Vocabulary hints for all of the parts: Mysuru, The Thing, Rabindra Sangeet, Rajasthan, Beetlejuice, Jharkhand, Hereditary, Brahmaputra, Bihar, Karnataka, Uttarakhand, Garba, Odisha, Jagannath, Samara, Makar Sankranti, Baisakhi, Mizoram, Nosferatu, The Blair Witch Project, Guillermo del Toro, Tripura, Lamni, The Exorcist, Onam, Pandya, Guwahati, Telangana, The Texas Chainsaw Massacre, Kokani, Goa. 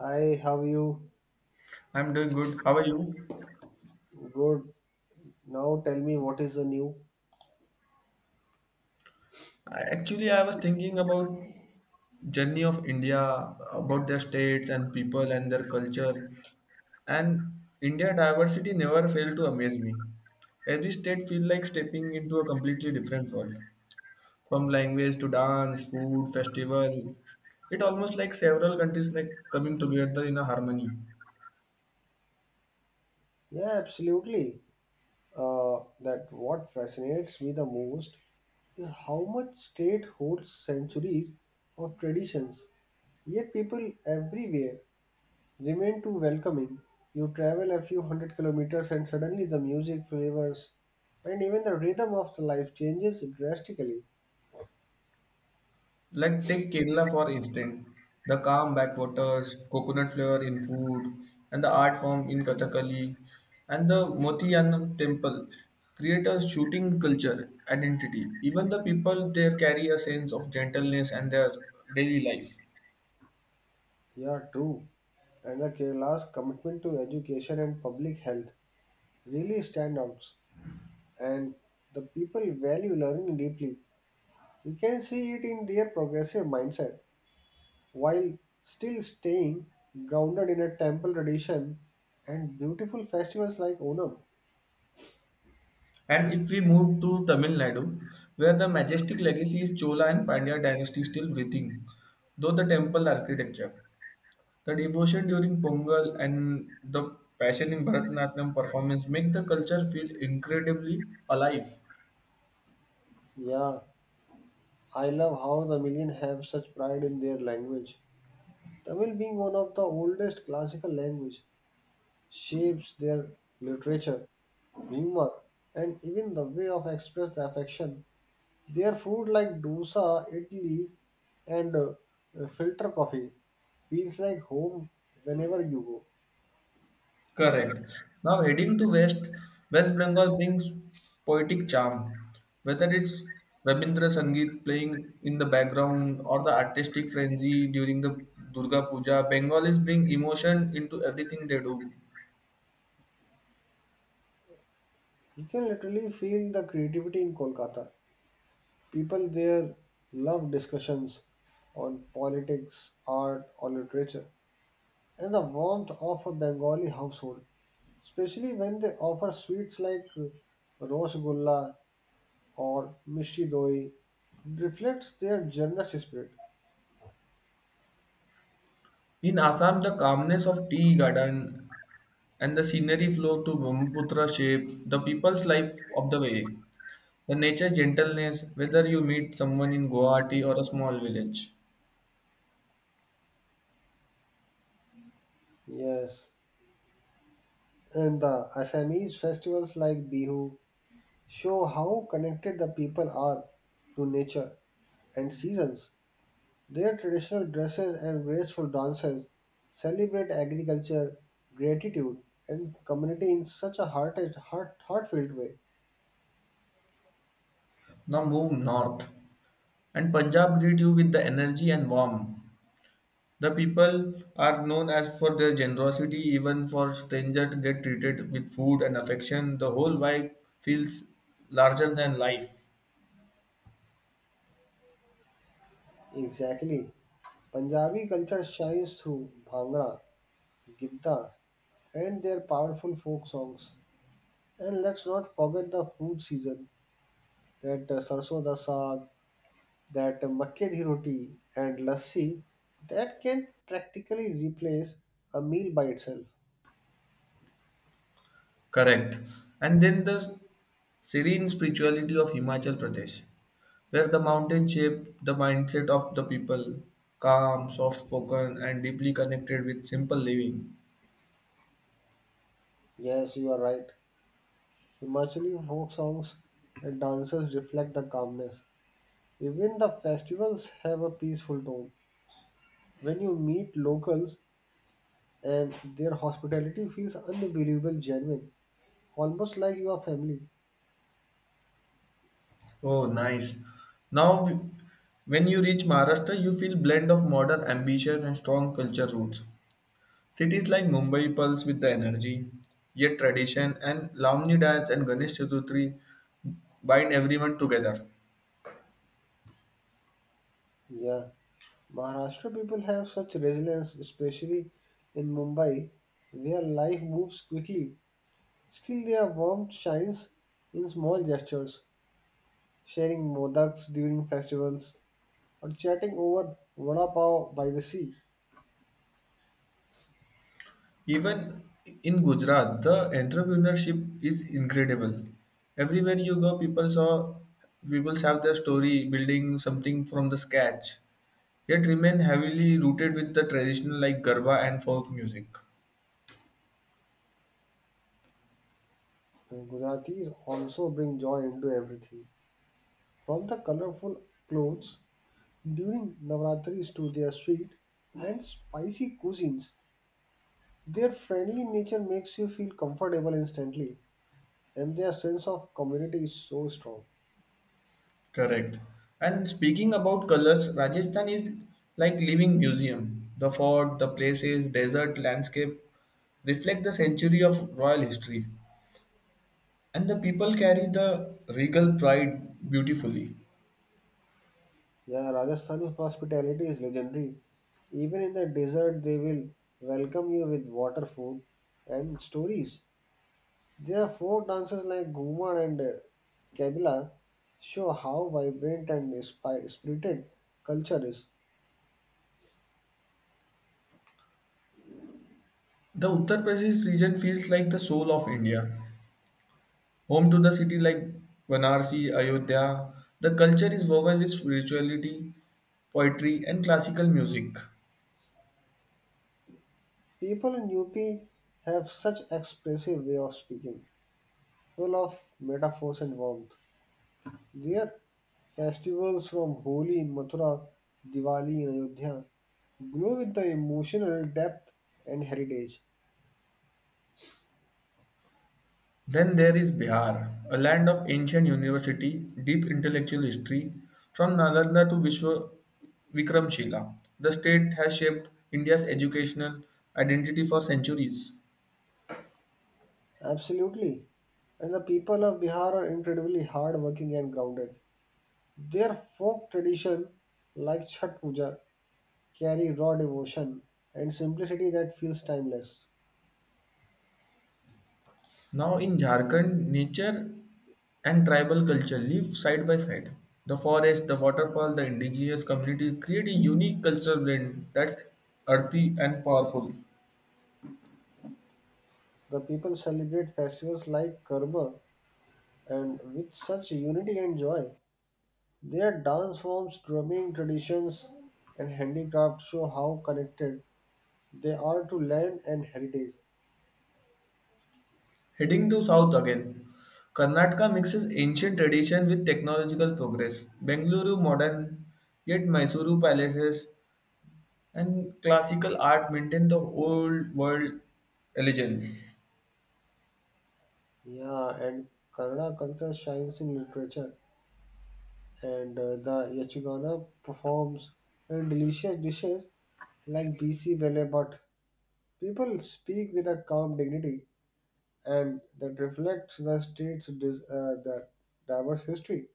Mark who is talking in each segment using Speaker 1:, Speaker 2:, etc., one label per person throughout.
Speaker 1: Hi, how are you?
Speaker 2: I'm doing good. How are you?
Speaker 1: Good. Now tell me what is the new?
Speaker 2: Actually, I was thinking about journey of India, about their states and people and their culture. And India diversity never failed to amaze me. Every state feel like stepping into a completely different world. From language to dance, food, festival. It almost like several countries like coming together in a harmony.
Speaker 1: Yeah, absolutely. That what fascinates me the most is how much state holds centuries of traditions. Yet people everywhere remain too welcoming. You travel a few hundred kilometers and suddenly the music, flavors, and even the rhythm of the life changes drastically.
Speaker 2: Like take Kerala for instance, the calm backwaters, coconut flavour in food, and the art form in Kathakali, and the Motiyanam temple create a shooting culture identity. Even the people there carry a sense of gentleness and their daily life.
Speaker 1: Yeah, true. And the Kerala's commitment to education and public health really stand out and the people value learning deeply. You can see it in their progressive mindset while still staying grounded in a temple tradition and beautiful festivals like Onam.
Speaker 2: And if we move to Tamil Nadu, where the majestic legacy is Chola and Pandya dynasty still breathing, though the temple architecture. The devotion during Pongal and the passion in Bharatanatyam performance make the culture feel incredibly alive.
Speaker 1: Yeah, I love how the Tamilian have such pride in their language. Tamil being one of the oldest classical language shapes their literature, humor and even the way of express the affection. Their food like dosa, idli, and filter coffee feels like home whenever you go.
Speaker 2: Correct. Now heading to West, West Bengal brings poetic charm. Whether it's Rabindra Sangeet playing in the background or the artistic frenzy during the Durga Puja, Bengalis bring emotion into everything they do.
Speaker 1: You can literally feel the creativity in Kolkata. People there love discussions on politics, art, or literature, and the warmth of a Bengali household, especially when they offer sweets like rosgulla or mishti doi, reflects their generous spirit.
Speaker 2: In Assam, the calmness of tea garden and the scenery flow to Brahmaputra shape the people's life of the way. The nature's gentleness, whether you meet someone in Guwahati or a small village.
Speaker 1: Yes. And the Assamese festivals like Bihu show how connected the people are to nature and seasons. Their traditional dresses and graceful dances celebrate agriculture, gratitude, and community in such a heartfelt way.
Speaker 2: Now move north, and Punjab greet you with the energy and warmth. The people are known as for their generosity, even for strangers get treated with food and affection. The whole vibe feels larger than life.
Speaker 1: Exactly. Punjabi culture shines through Bhangra, Gidda, and their powerful folk songs. And let's not forget the food season that Sarson da Saag, that makke di roti and lassi that can practically replace a meal by itself.
Speaker 2: Correct. And then the serene spirituality of Himachal Pradesh, where the mountains shape the mindset of the people, calm, soft spoken, and deeply connected with simple living.
Speaker 1: Yes, you are right. Himachali folk songs and dances reflect the calmness. Even the festivals have a peaceful tone. When you meet locals and their hospitality feels unbelievable genuine, almost like you are family.
Speaker 2: Oh, nice. Now, w- when you reach Maharashtra, you feel blend of modern ambition and strong culture roots. Cities like Mumbai pulse with the energy, yet tradition and Lamni dance and Ganesh Chaturthi bind everyone together.
Speaker 1: Yeah, Maharashtra people have such resilience, especially in Mumbai, where life moves quickly. Still, their warmth shines in small gestures, sharing modaks during festivals or chatting over vada pav by the sea.
Speaker 2: Even in Gujarat, the entrepreneurship is incredible. Everywhere you go, people saw people have their story building something from the scratch, yet remain heavily rooted with the traditional like Garba and folk music.
Speaker 1: Gujaratis also bring joy into everything, from the colorful clothes during Navratris to their sweet and spicy cuisines. Their friendly nature makes you feel comfortable instantly, and their sense of community is so strong.
Speaker 2: Correct. And speaking about colors, Rajasthan is like living museum. The fort, the places, desert landscape reflect the century of royal history, and the people carry the regal pride beautifully.
Speaker 1: Yeah, Rajasthani hospitality is legendary. Even in the desert, they will welcome you with water, food, and stories. Their folk dances like Ghumar and Kabila show how vibrant and spirited culture is.
Speaker 2: The Uttar Pradesh region feels like the soul of India, home to the city like Banarsi, Ayodhya. The culture is woven with spirituality, poetry, and classical music.
Speaker 1: People in UP have such expressive way of speaking, full of metaphors and warmth. Their festivals from Holi in Mathura, Diwali in Ayodhya, glow with the emotional depth and heritage.
Speaker 2: Then there is Bihar, a land of ancient university, deep intellectual history, from Nalanda to Vishwa Vikramshila. The state has shaped India's educational identity for centuries.
Speaker 1: Absolutely. And the people of Bihar are incredibly hardworking and grounded. Their folk tradition, like Chhat Puja, carry raw devotion and simplicity that feels timeless.
Speaker 2: Now in Jharkhand, nature and tribal culture live side by side. The forest, the waterfall, the indigenous community create a unique cultural blend that's earthy and powerful.
Speaker 1: The people celebrate festivals like Karma and with such unity and joy. Their dance forms, drumming traditions, and handicraft show how connected they are to land and heritage.
Speaker 2: Heading to south again, Karnataka mixes ancient tradition with technological progress. Bengaluru modern, yet Mysuru palaces and classical art maintain the old world elegance.
Speaker 1: Yeah, and Kannada culture shines in literature, and the Yachigana performs and delicious dishes like BC Bele, but people speak with a calm dignity, and that reflects the state's dis- the diverse history.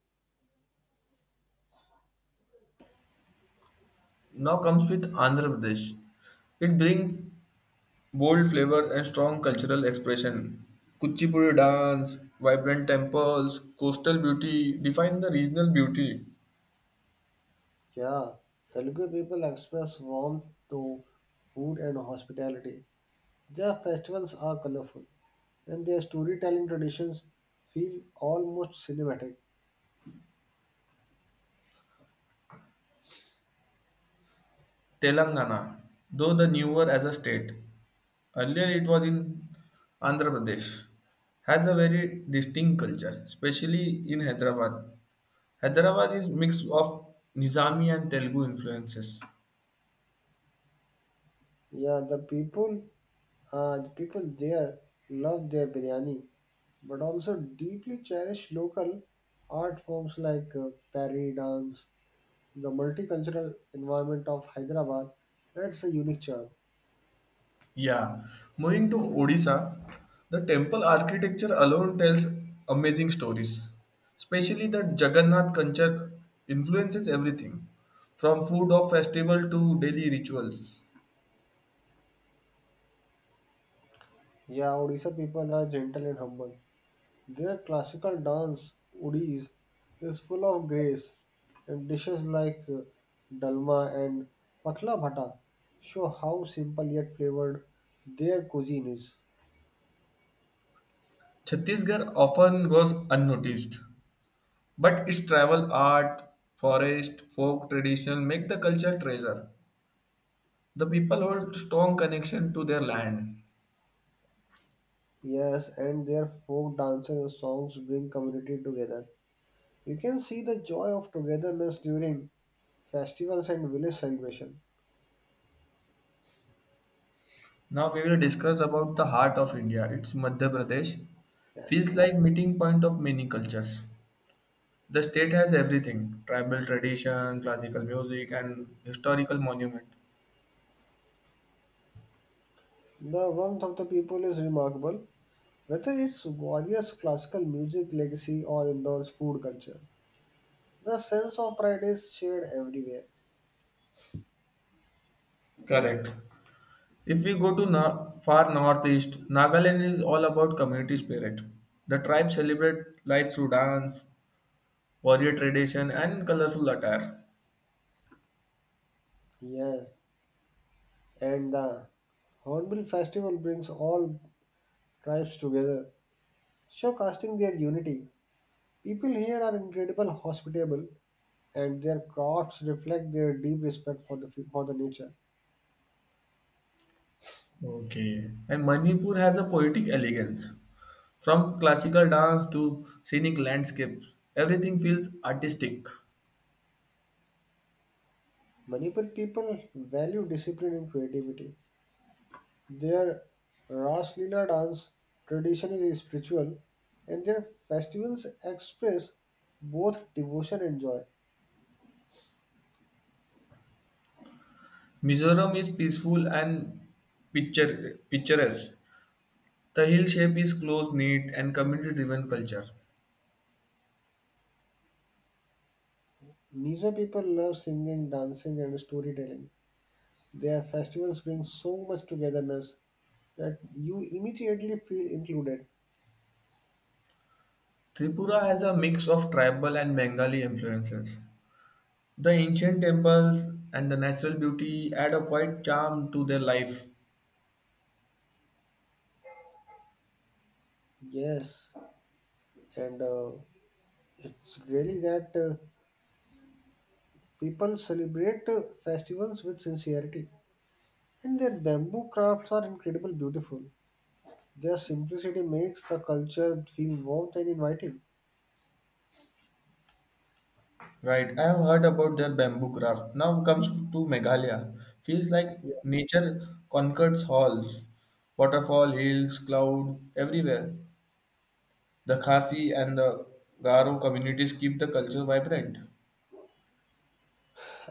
Speaker 2: Now comes with Andhra Pradesh. It brings bold flavors and strong cultural expression. Kuchipudi dance, vibrant temples, coastal beauty define the regional beauty.
Speaker 1: Yeah, Telugu people express warmth through food and hospitality. Their festivals are colorful and their storytelling traditions feel almost cinematic.
Speaker 2: Telangana, though the newer as a state, earlier it was in Andhra Pradesh, has a very distinct culture, especially in Hyderabad. Hyderabad is mix of Nizami and Telugu influences.
Speaker 1: Yeah, the people there love their biryani, but also deeply cherish local art forms like pari dance. The multicultural environment of Hyderabad adds a unique charm.
Speaker 2: Yeah, moving to Odisha, the temple architecture alone tells amazing stories. Especially the Jagannath culture influences everything, from food of festival to daily rituals.
Speaker 1: Yeah, Odisha people are gentle and humble. Their classical dance, Odis, is full of grace, and dishes like dalma and pakla bhata show how simple yet flavored their cuisine is.
Speaker 2: Chhattisgarh often goes unnoticed, but its travel art, forest, folk tradition make the culture treasure. The people hold strong connection to their land.
Speaker 1: Yes, and their folk dances and songs bring community together. You can see the joy of togetherness during festivals and village celebration.
Speaker 2: Now we will discuss about the heart of India. It's Madhya Pradesh.
Speaker 1: Yes,
Speaker 2: Feels
Speaker 1: yes.
Speaker 2: like meeting point of many cultures. The state has everything: tribal tradition, classical music, and historical monument.
Speaker 1: The warmth of the people is remarkable, whether it's Gwalior's classical music legacy or Indore's food culture. The sense of pride is shared everywhere.
Speaker 2: Correct. If we go to far northeast, Nagaland is all about community spirit. The tribe celebrate life through dance, warrior tradition, and colorful attire.
Speaker 1: Yes, and the Hornbill Festival brings all tribes together, showcasing their unity. People here are incredible hospitable, and their crafts reflect their deep respect for the nature.
Speaker 2: Okay. And Manipur has a poetic elegance. From classical dance to scenic landscapes, everything feels artistic.
Speaker 1: Manipur people value discipline and creativity. Their Ras Leela dance tradition is spiritual, and their festivals express both devotion and joy.
Speaker 2: Mizoram is peaceful and picturesque. The hill shape is close knit and community driven culture.
Speaker 1: Mizo people love singing, dancing, and storytelling. Their festivals bring so much togetherness that you immediately feel included.
Speaker 2: Tripura has a mix of tribal and Bengali influences. The ancient temples and the natural beauty add a quiet charm to their life.
Speaker 1: Yes, and it's really that people celebrate festivals with sincerity, and their bamboo crafts are incredibly beautiful. Their simplicity makes the culture feel warm and inviting.
Speaker 2: Right, I have heard about their bamboo craft. Now comes to Meghalaya. Feels like
Speaker 1: Yeah.
Speaker 2: nature conquers halls. Waterfall, hills, cloud, everywhere. The Khasi and the Garo communities keep the culture vibrant.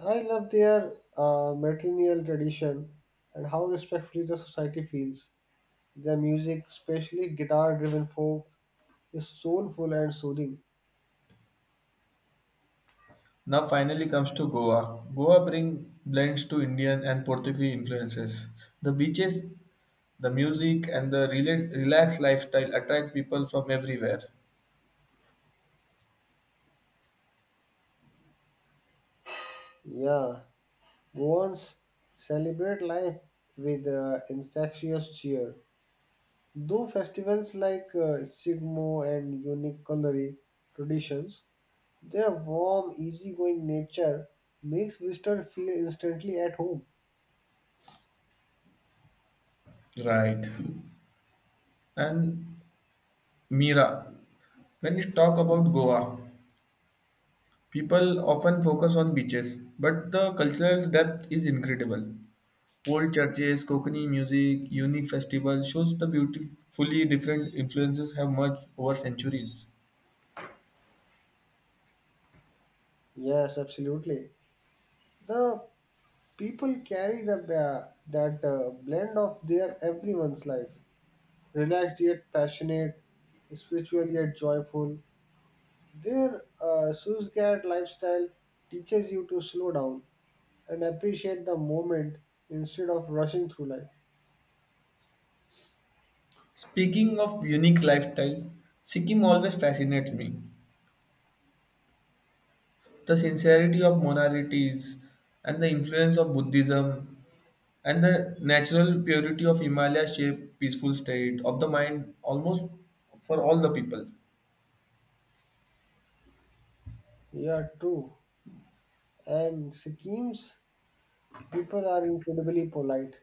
Speaker 1: I love their matrilineal tradition and how respectfully the society feels. Their music, especially guitar-driven folk, is soulful and soothing.
Speaker 2: Now finally comes to Goa. Goa bring blends to Indian and Portuguese influences. The beaches, the music, and the relaxed lifestyle attract people from everywhere.
Speaker 1: Yeah, Goans celebrate life with infectious cheer. Though festivals like Sigmo and unique culinary traditions, their warm, easygoing nature makes visitor feel instantly at home.
Speaker 2: Right. And Mira. When we talk about Goa, people often focus on beaches, but the cultural depth is incredible. Old churches, Kokani music, unique festivals shows the beautifully different influences have merged over centuries.
Speaker 1: Yes, absolutely. The people carry the, that blend of their everyone's life, relaxed yet passionate, spiritual yet joyful. Their Suzgat lifestyle teaches you to slow down and appreciate the moment instead of rushing through life.
Speaker 2: Speaking of unique lifestyle, Sikkim always fascinates me. The sincerity of monarities and the influence of Buddhism and the natural purity of Himalaya shape peaceful state of the mind almost for all the people.
Speaker 1: Yeah, true. And Sikkim's people are incredibly polite,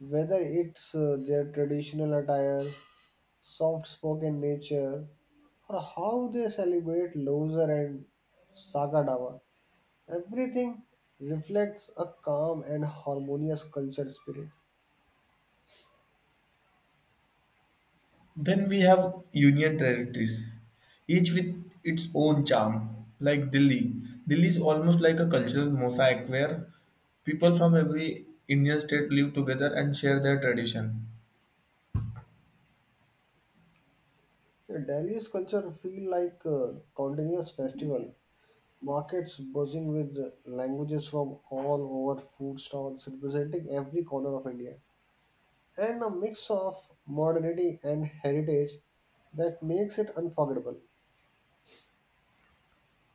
Speaker 1: whether it's their traditional attire, soft spoken nature, or how they celebrate Loser and Sakadawa. Everything reflects a calm and harmonious culture spirit.
Speaker 2: Then we have union territories, each with its own charm, like Delhi. Delhi is almost like a cultural mosaic where people from every Indian state live together and share their tradition.
Speaker 1: The Delhi's culture feel like a continuous festival. Markets buzzing with languages from all over, food stalls representing every corner of India, and a mix of modernity and heritage that makes it unforgettable.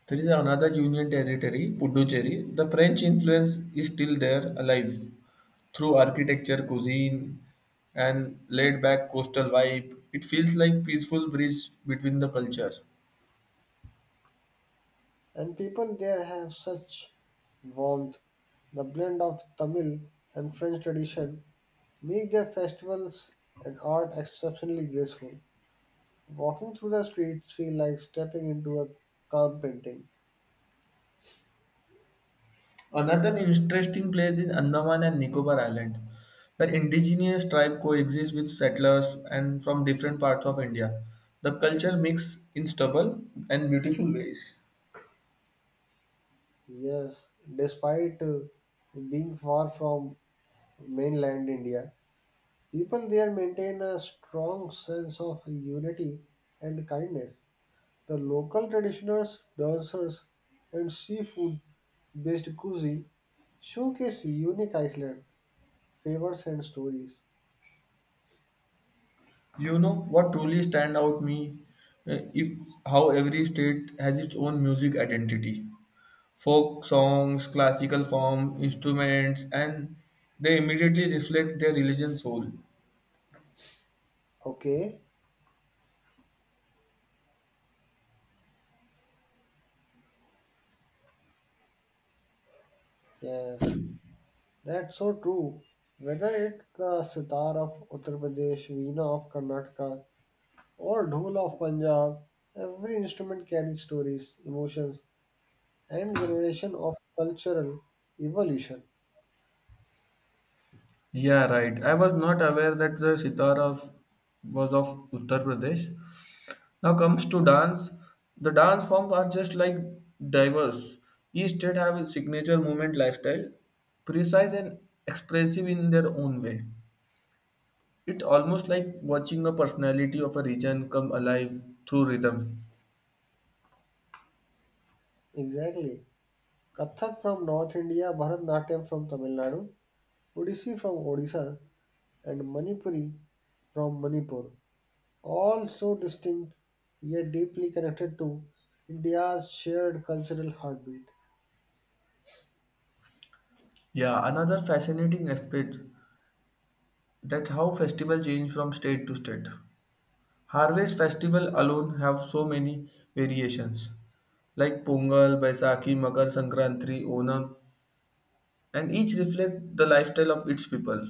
Speaker 2: There is another union territory, Puducherry. The French influence is still there, alive, through architecture, cuisine, and laid back coastal vibe. It feels like peaceful bridge between the culture.
Speaker 1: And people there have such warmth. The blend of Tamil and French tradition make their festivals and art exceptionally graceful. Walking through the streets feel like stepping into a calm painting.
Speaker 2: Another interesting place is Andaman and Nicobar Island, where indigenous tribes coexist with settlers and from different parts of India. The culture mix in stubble and beautiful ways.
Speaker 1: Yes, despite being far from mainland India, people there maintain a strong sense of unity and kindness. The local traditioners, dancers, and seafood based cuisine showcase unique Iceland flavors and stories.
Speaker 2: You know what truly stand out me if how every state has its own music identity. Folk songs, classical form, instruments, and they immediately reflect their religion soul.
Speaker 1: Okay, yes, that's so true. Whether it's the sitar of Uttar Pradesh, veena of Karnataka, or dhol of Punjab, every instrument carries stories, emotions, and generation of cultural evolution.
Speaker 2: Yeah, right. I was not aware that the sitar of was of Uttar Pradesh. Now comes to dance. The dance forms are just like diverse. Each state have a signature movement lifestyle, precise and expressive in their own way. It's almost like watching a personality of a region come alive through rhythm.
Speaker 1: Exactly. Kathak from North India, Bharatanatyam from Tamil Nadu, Odissi from Odisha, and Manipuri from Manipur, all so distinct yet deeply connected to India's shared cultural heartbeat.
Speaker 2: Yeah, another fascinating aspect that how festival change from state to state. Harvest festival alone have so many variations like Pongal, Baisakhi, Makar Sankranti, Onam, and each reflect the lifestyle of its people.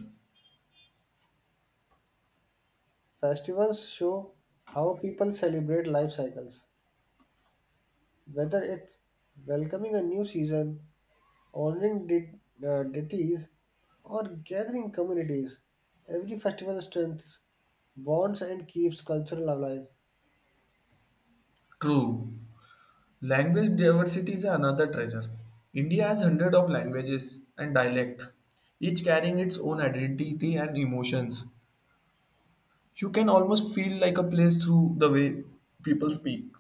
Speaker 1: Festivals show how people celebrate life cycles, whether it's welcoming a new season, honoring deities, or gathering communities. Every festival strengthens bonds and keeps cultural alive.
Speaker 2: True. Language diversity is another treasure. India has hundreds of languages and dialect, each carrying its own identity and emotions. You can almost feel like a place through the way people speak.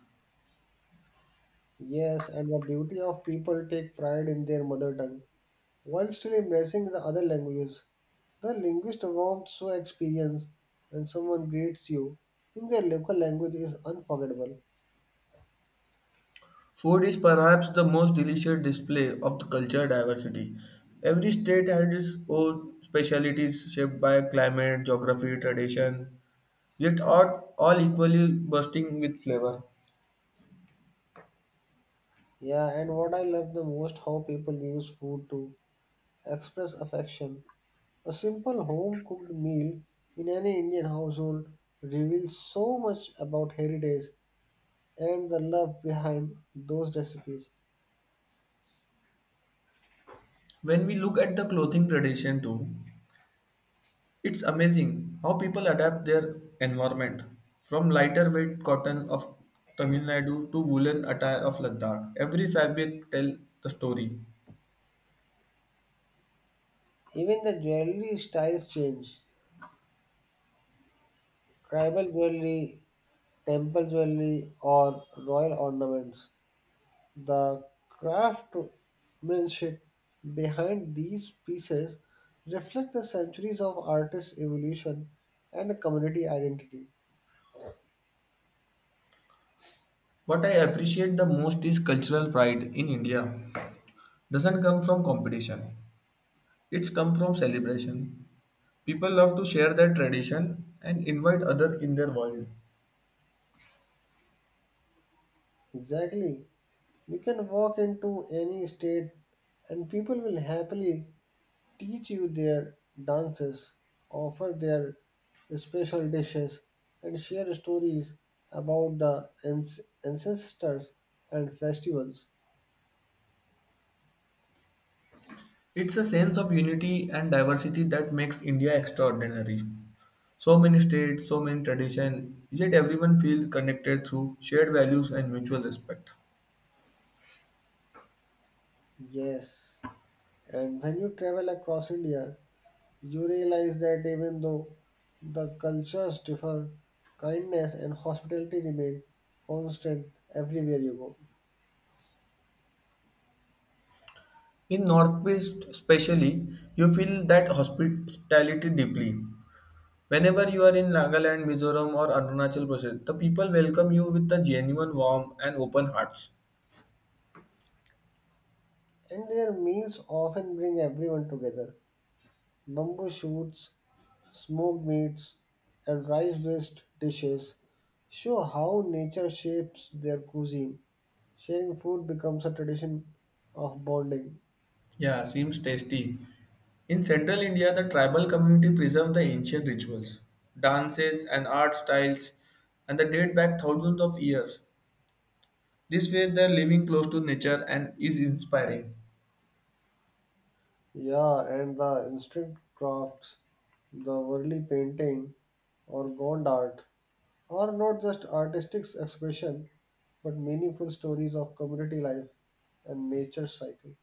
Speaker 1: Yes, and the beauty of people take pride in their mother tongue. While still embracing the other languages, the linguist warmth so experience when someone greets you in their local language is unforgettable.
Speaker 2: Food is perhaps the most delicious display of the cultural diversity. Every state has its own specialities shaped by climate, geography, tradition, yet are all equally bursting with flavor.
Speaker 1: Yeah, and what I love the most how people use food to express affection. A simple home cooked meal in any Indian household reveals so much about heritage and the love behind those recipes.
Speaker 2: When we look at the clothing tradition too, it's amazing how people adapt their environment, from lighter weight cotton of Tamil Nadu to woolen attire of Ladakh. Every fabric tells the story.
Speaker 1: Even the jewelry styles change. Tribal jewelry, temple jewelry, or royal ornaments. The craftsmanship behind these pieces reflects the centuries of artists' evolution and the community identity.
Speaker 2: What I appreciate the most is cultural pride in India. Doesn't come from competition. It's come from celebration. People love to share their tradition and invite other in their world.
Speaker 1: Exactly. You can walk into any state and people will happily teach you their dances, offer their special dishes, and share stories about the ancestors and festivals.
Speaker 2: It's a sense of unity and diversity that makes India extraordinary. So many states, so many traditions, yet everyone feels connected through shared values and mutual respect.
Speaker 1: Yes, and when you travel across India, you realize that even though the cultures differ, kindness and hospitality remain constant everywhere you go.
Speaker 2: In Northeast, especially, you feel that hospitality deeply. Whenever you are in Nagaland, Mizoram, or Arunachal Pradesh, the people welcome you with a genuine warmth and open hearts.
Speaker 1: And their meals often bring everyone together. Bamboo shoots, smoked meats, and rice based dishes show how nature shapes their cuisine. Sharing food becomes a tradition of bonding.
Speaker 2: Yeah, seems tasty. In central India, the tribal community preserve the ancient rituals, dances, and art styles, and they date back thousands of years. This way, they're living close to nature and is inspiring.
Speaker 1: Yeah, and the instant crafts, the worldly painting or gond art are not just artistic expression but meaningful stories of community life and nature cycle.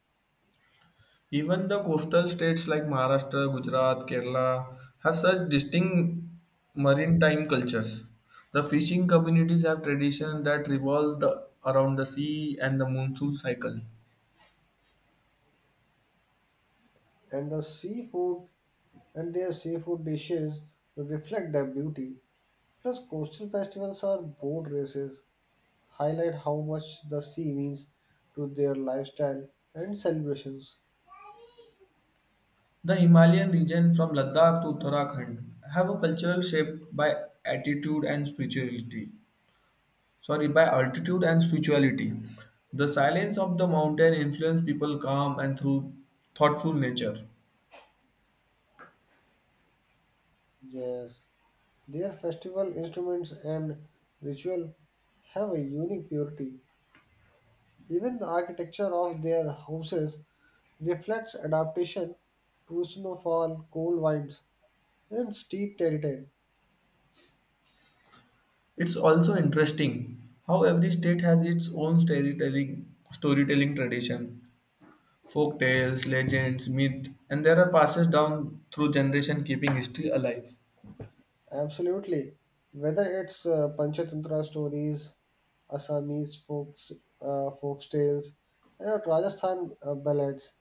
Speaker 2: Even the coastal states like Maharashtra, Gujarat, Kerala have such distinct maritime cultures. The fishing communities have traditions that revolve around the sea and the monsoon cycle.
Speaker 1: And the seafood and their seafood dishes reflect their beauty. Plus, coastal festivals are boat races, highlight how much the sea means to their lifestyle and celebrations.
Speaker 2: The Himalayan region from Ladakh to Uttarakhand have a cultural shaped by attitude and spirituality. Sorry, by altitude and spirituality. The silence of the mountain influence people calm and through thoughtful nature.
Speaker 1: Yes. Their festival instruments and ritual have a unique purity. Even the architecture of their houses reflects adaptation to snowfall, cold winds, and steep terrain.
Speaker 2: It's also interesting how every state has its own storytelling tradition, folk tales, legends, myth, and there are passes down through generation keeping history alive.
Speaker 1: Absolutely. Whether it's Panchatantra stories, Assamese folks, folk tales, and Rajasthan ballads,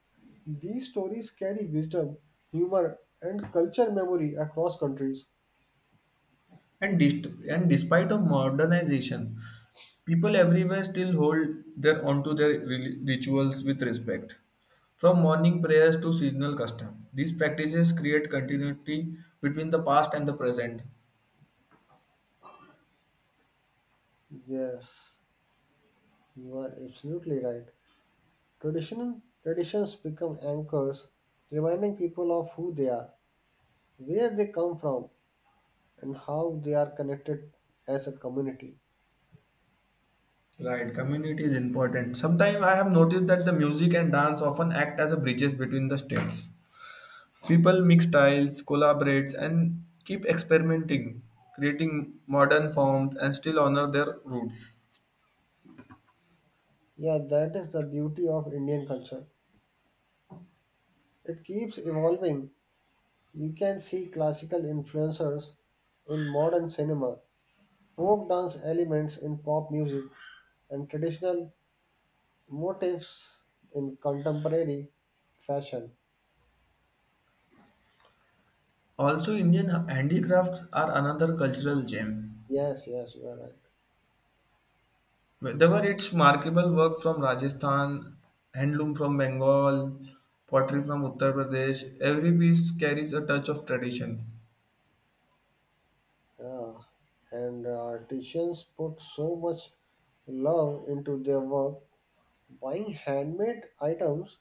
Speaker 1: these stories carry wisdom, humor, and culture memory across countries.
Speaker 2: And despite of modernization, people everywhere still hold their onto their rituals with respect. From morning prayers to seasonal custom, these practices create continuity between the past and the present.
Speaker 1: Yes. You are absolutely right. Traditional traditions become anchors, reminding people of who they are, where they come from, and how they are connected as a community.
Speaker 2: Right, community is important. Sometimes I have noticed that the music and dance often act as a bridges between the states. People mix styles, collaborate, and keep experimenting, creating modern forms and still honor their roots.
Speaker 1: Yeah, that is the beauty of Indian culture. It keeps evolving. You can see classical influencers in modern cinema, folk dance elements in pop music, and traditional motifs in contemporary fashion.
Speaker 2: Also, Indian handicrafts are another cultural gem.
Speaker 1: Yes, yes, you are right.
Speaker 2: Whether it's markable work from Rajasthan, handloom from Bengal, pottery from Uttar Pradesh, every piece carries a touch of tradition.
Speaker 1: Uh, and artisans put so much love into their work. Buying handmade items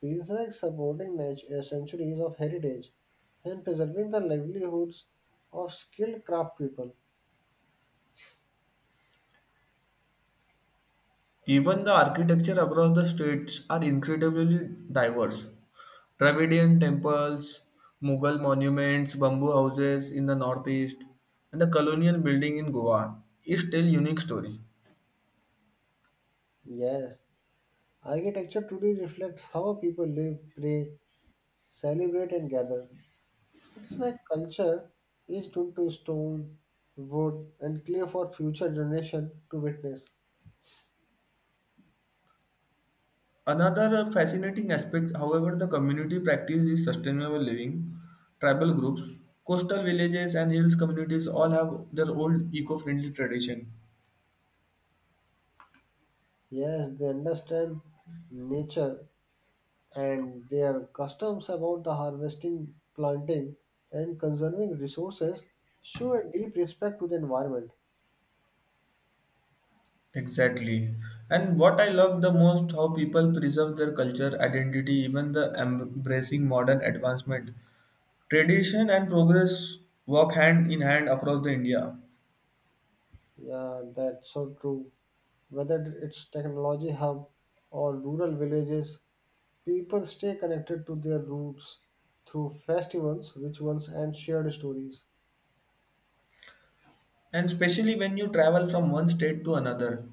Speaker 1: feels like supporting centuries of heritage and preserving the livelihoods of skilled craft people.
Speaker 2: Even the architecture across the states are incredibly diverse. Dravidian temples, Mughal monuments, bamboo houses in the northeast, and the colonial building in Goa each tell unique story.
Speaker 1: Yes, architecture today reflects how people live, pray, celebrate, and gather. It's like culture is into stone, wood, and clay for future generation to witness.
Speaker 2: Another fascinating aspect, however, the community practice is sustainable living. Tribal groups, coastal villages, and hills communities all have their old eco-friendly tradition.
Speaker 1: Yes, they understand nature and their customs about the harvesting, planting, and conserving resources show a deep respect to the environment.
Speaker 2: Exactly. And what I love the most, how people preserve their culture, identity, even the embracing modern advancement. Tradition and progress walk hand in hand across the India.
Speaker 1: Yeah, that's so true. Whether it's technology hub or rural villages, people stay connected to their roots through festivals, rituals, and shared stories.
Speaker 2: And especially when you travel from one state to another.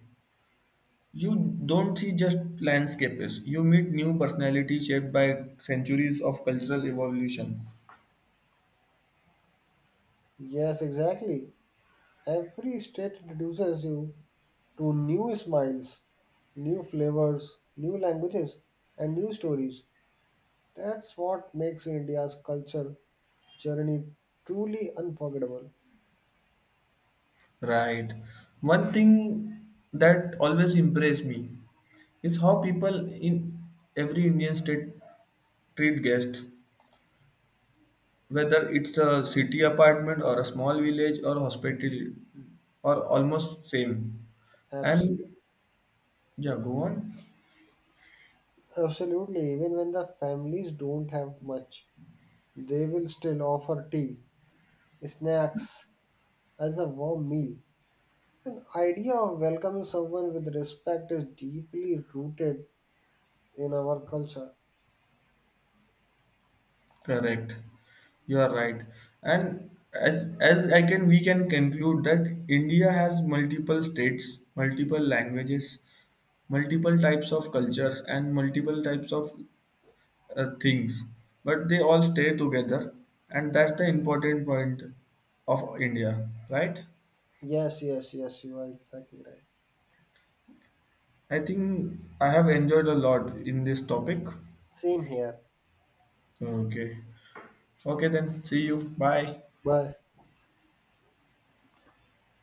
Speaker 2: You don't see just landscapes, you meet new personalities shaped by centuries of cultural evolution.
Speaker 1: Yes, exactly. Every state introduces you to new smiles, new flavors, new languages, and new stories. That's what makes India's culture journey truly unforgettable.
Speaker 2: Right. One thing that always impressed me is how people in every Indian state treat guests, whether it's a city apartment or a small village or hospital or almost same.
Speaker 1: Absolutely.
Speaker 2: And yeah, go on.
Speaker 1: Absolutely. Even when the families don't have much, they will still offer tea, snacks as a warm meal. An idea of welcoming someone with respect is deeply rooted in our culture.
Speaker 2: Correct. You are right. And as I can we can conclude that India has multiple states, multiple languages, multiple types of cultures and multiple types of things. But they all stay together and that's the important point of India, right?
Speaker 1: Yes, yes, yes, you are exactly right.
Speaker 2: I think I have enjoyed a lot in this topic.
Speaker 1: Same here.
Speaker 2: Okay. Okay then, see you. Bye.
Speaker 1: Bye.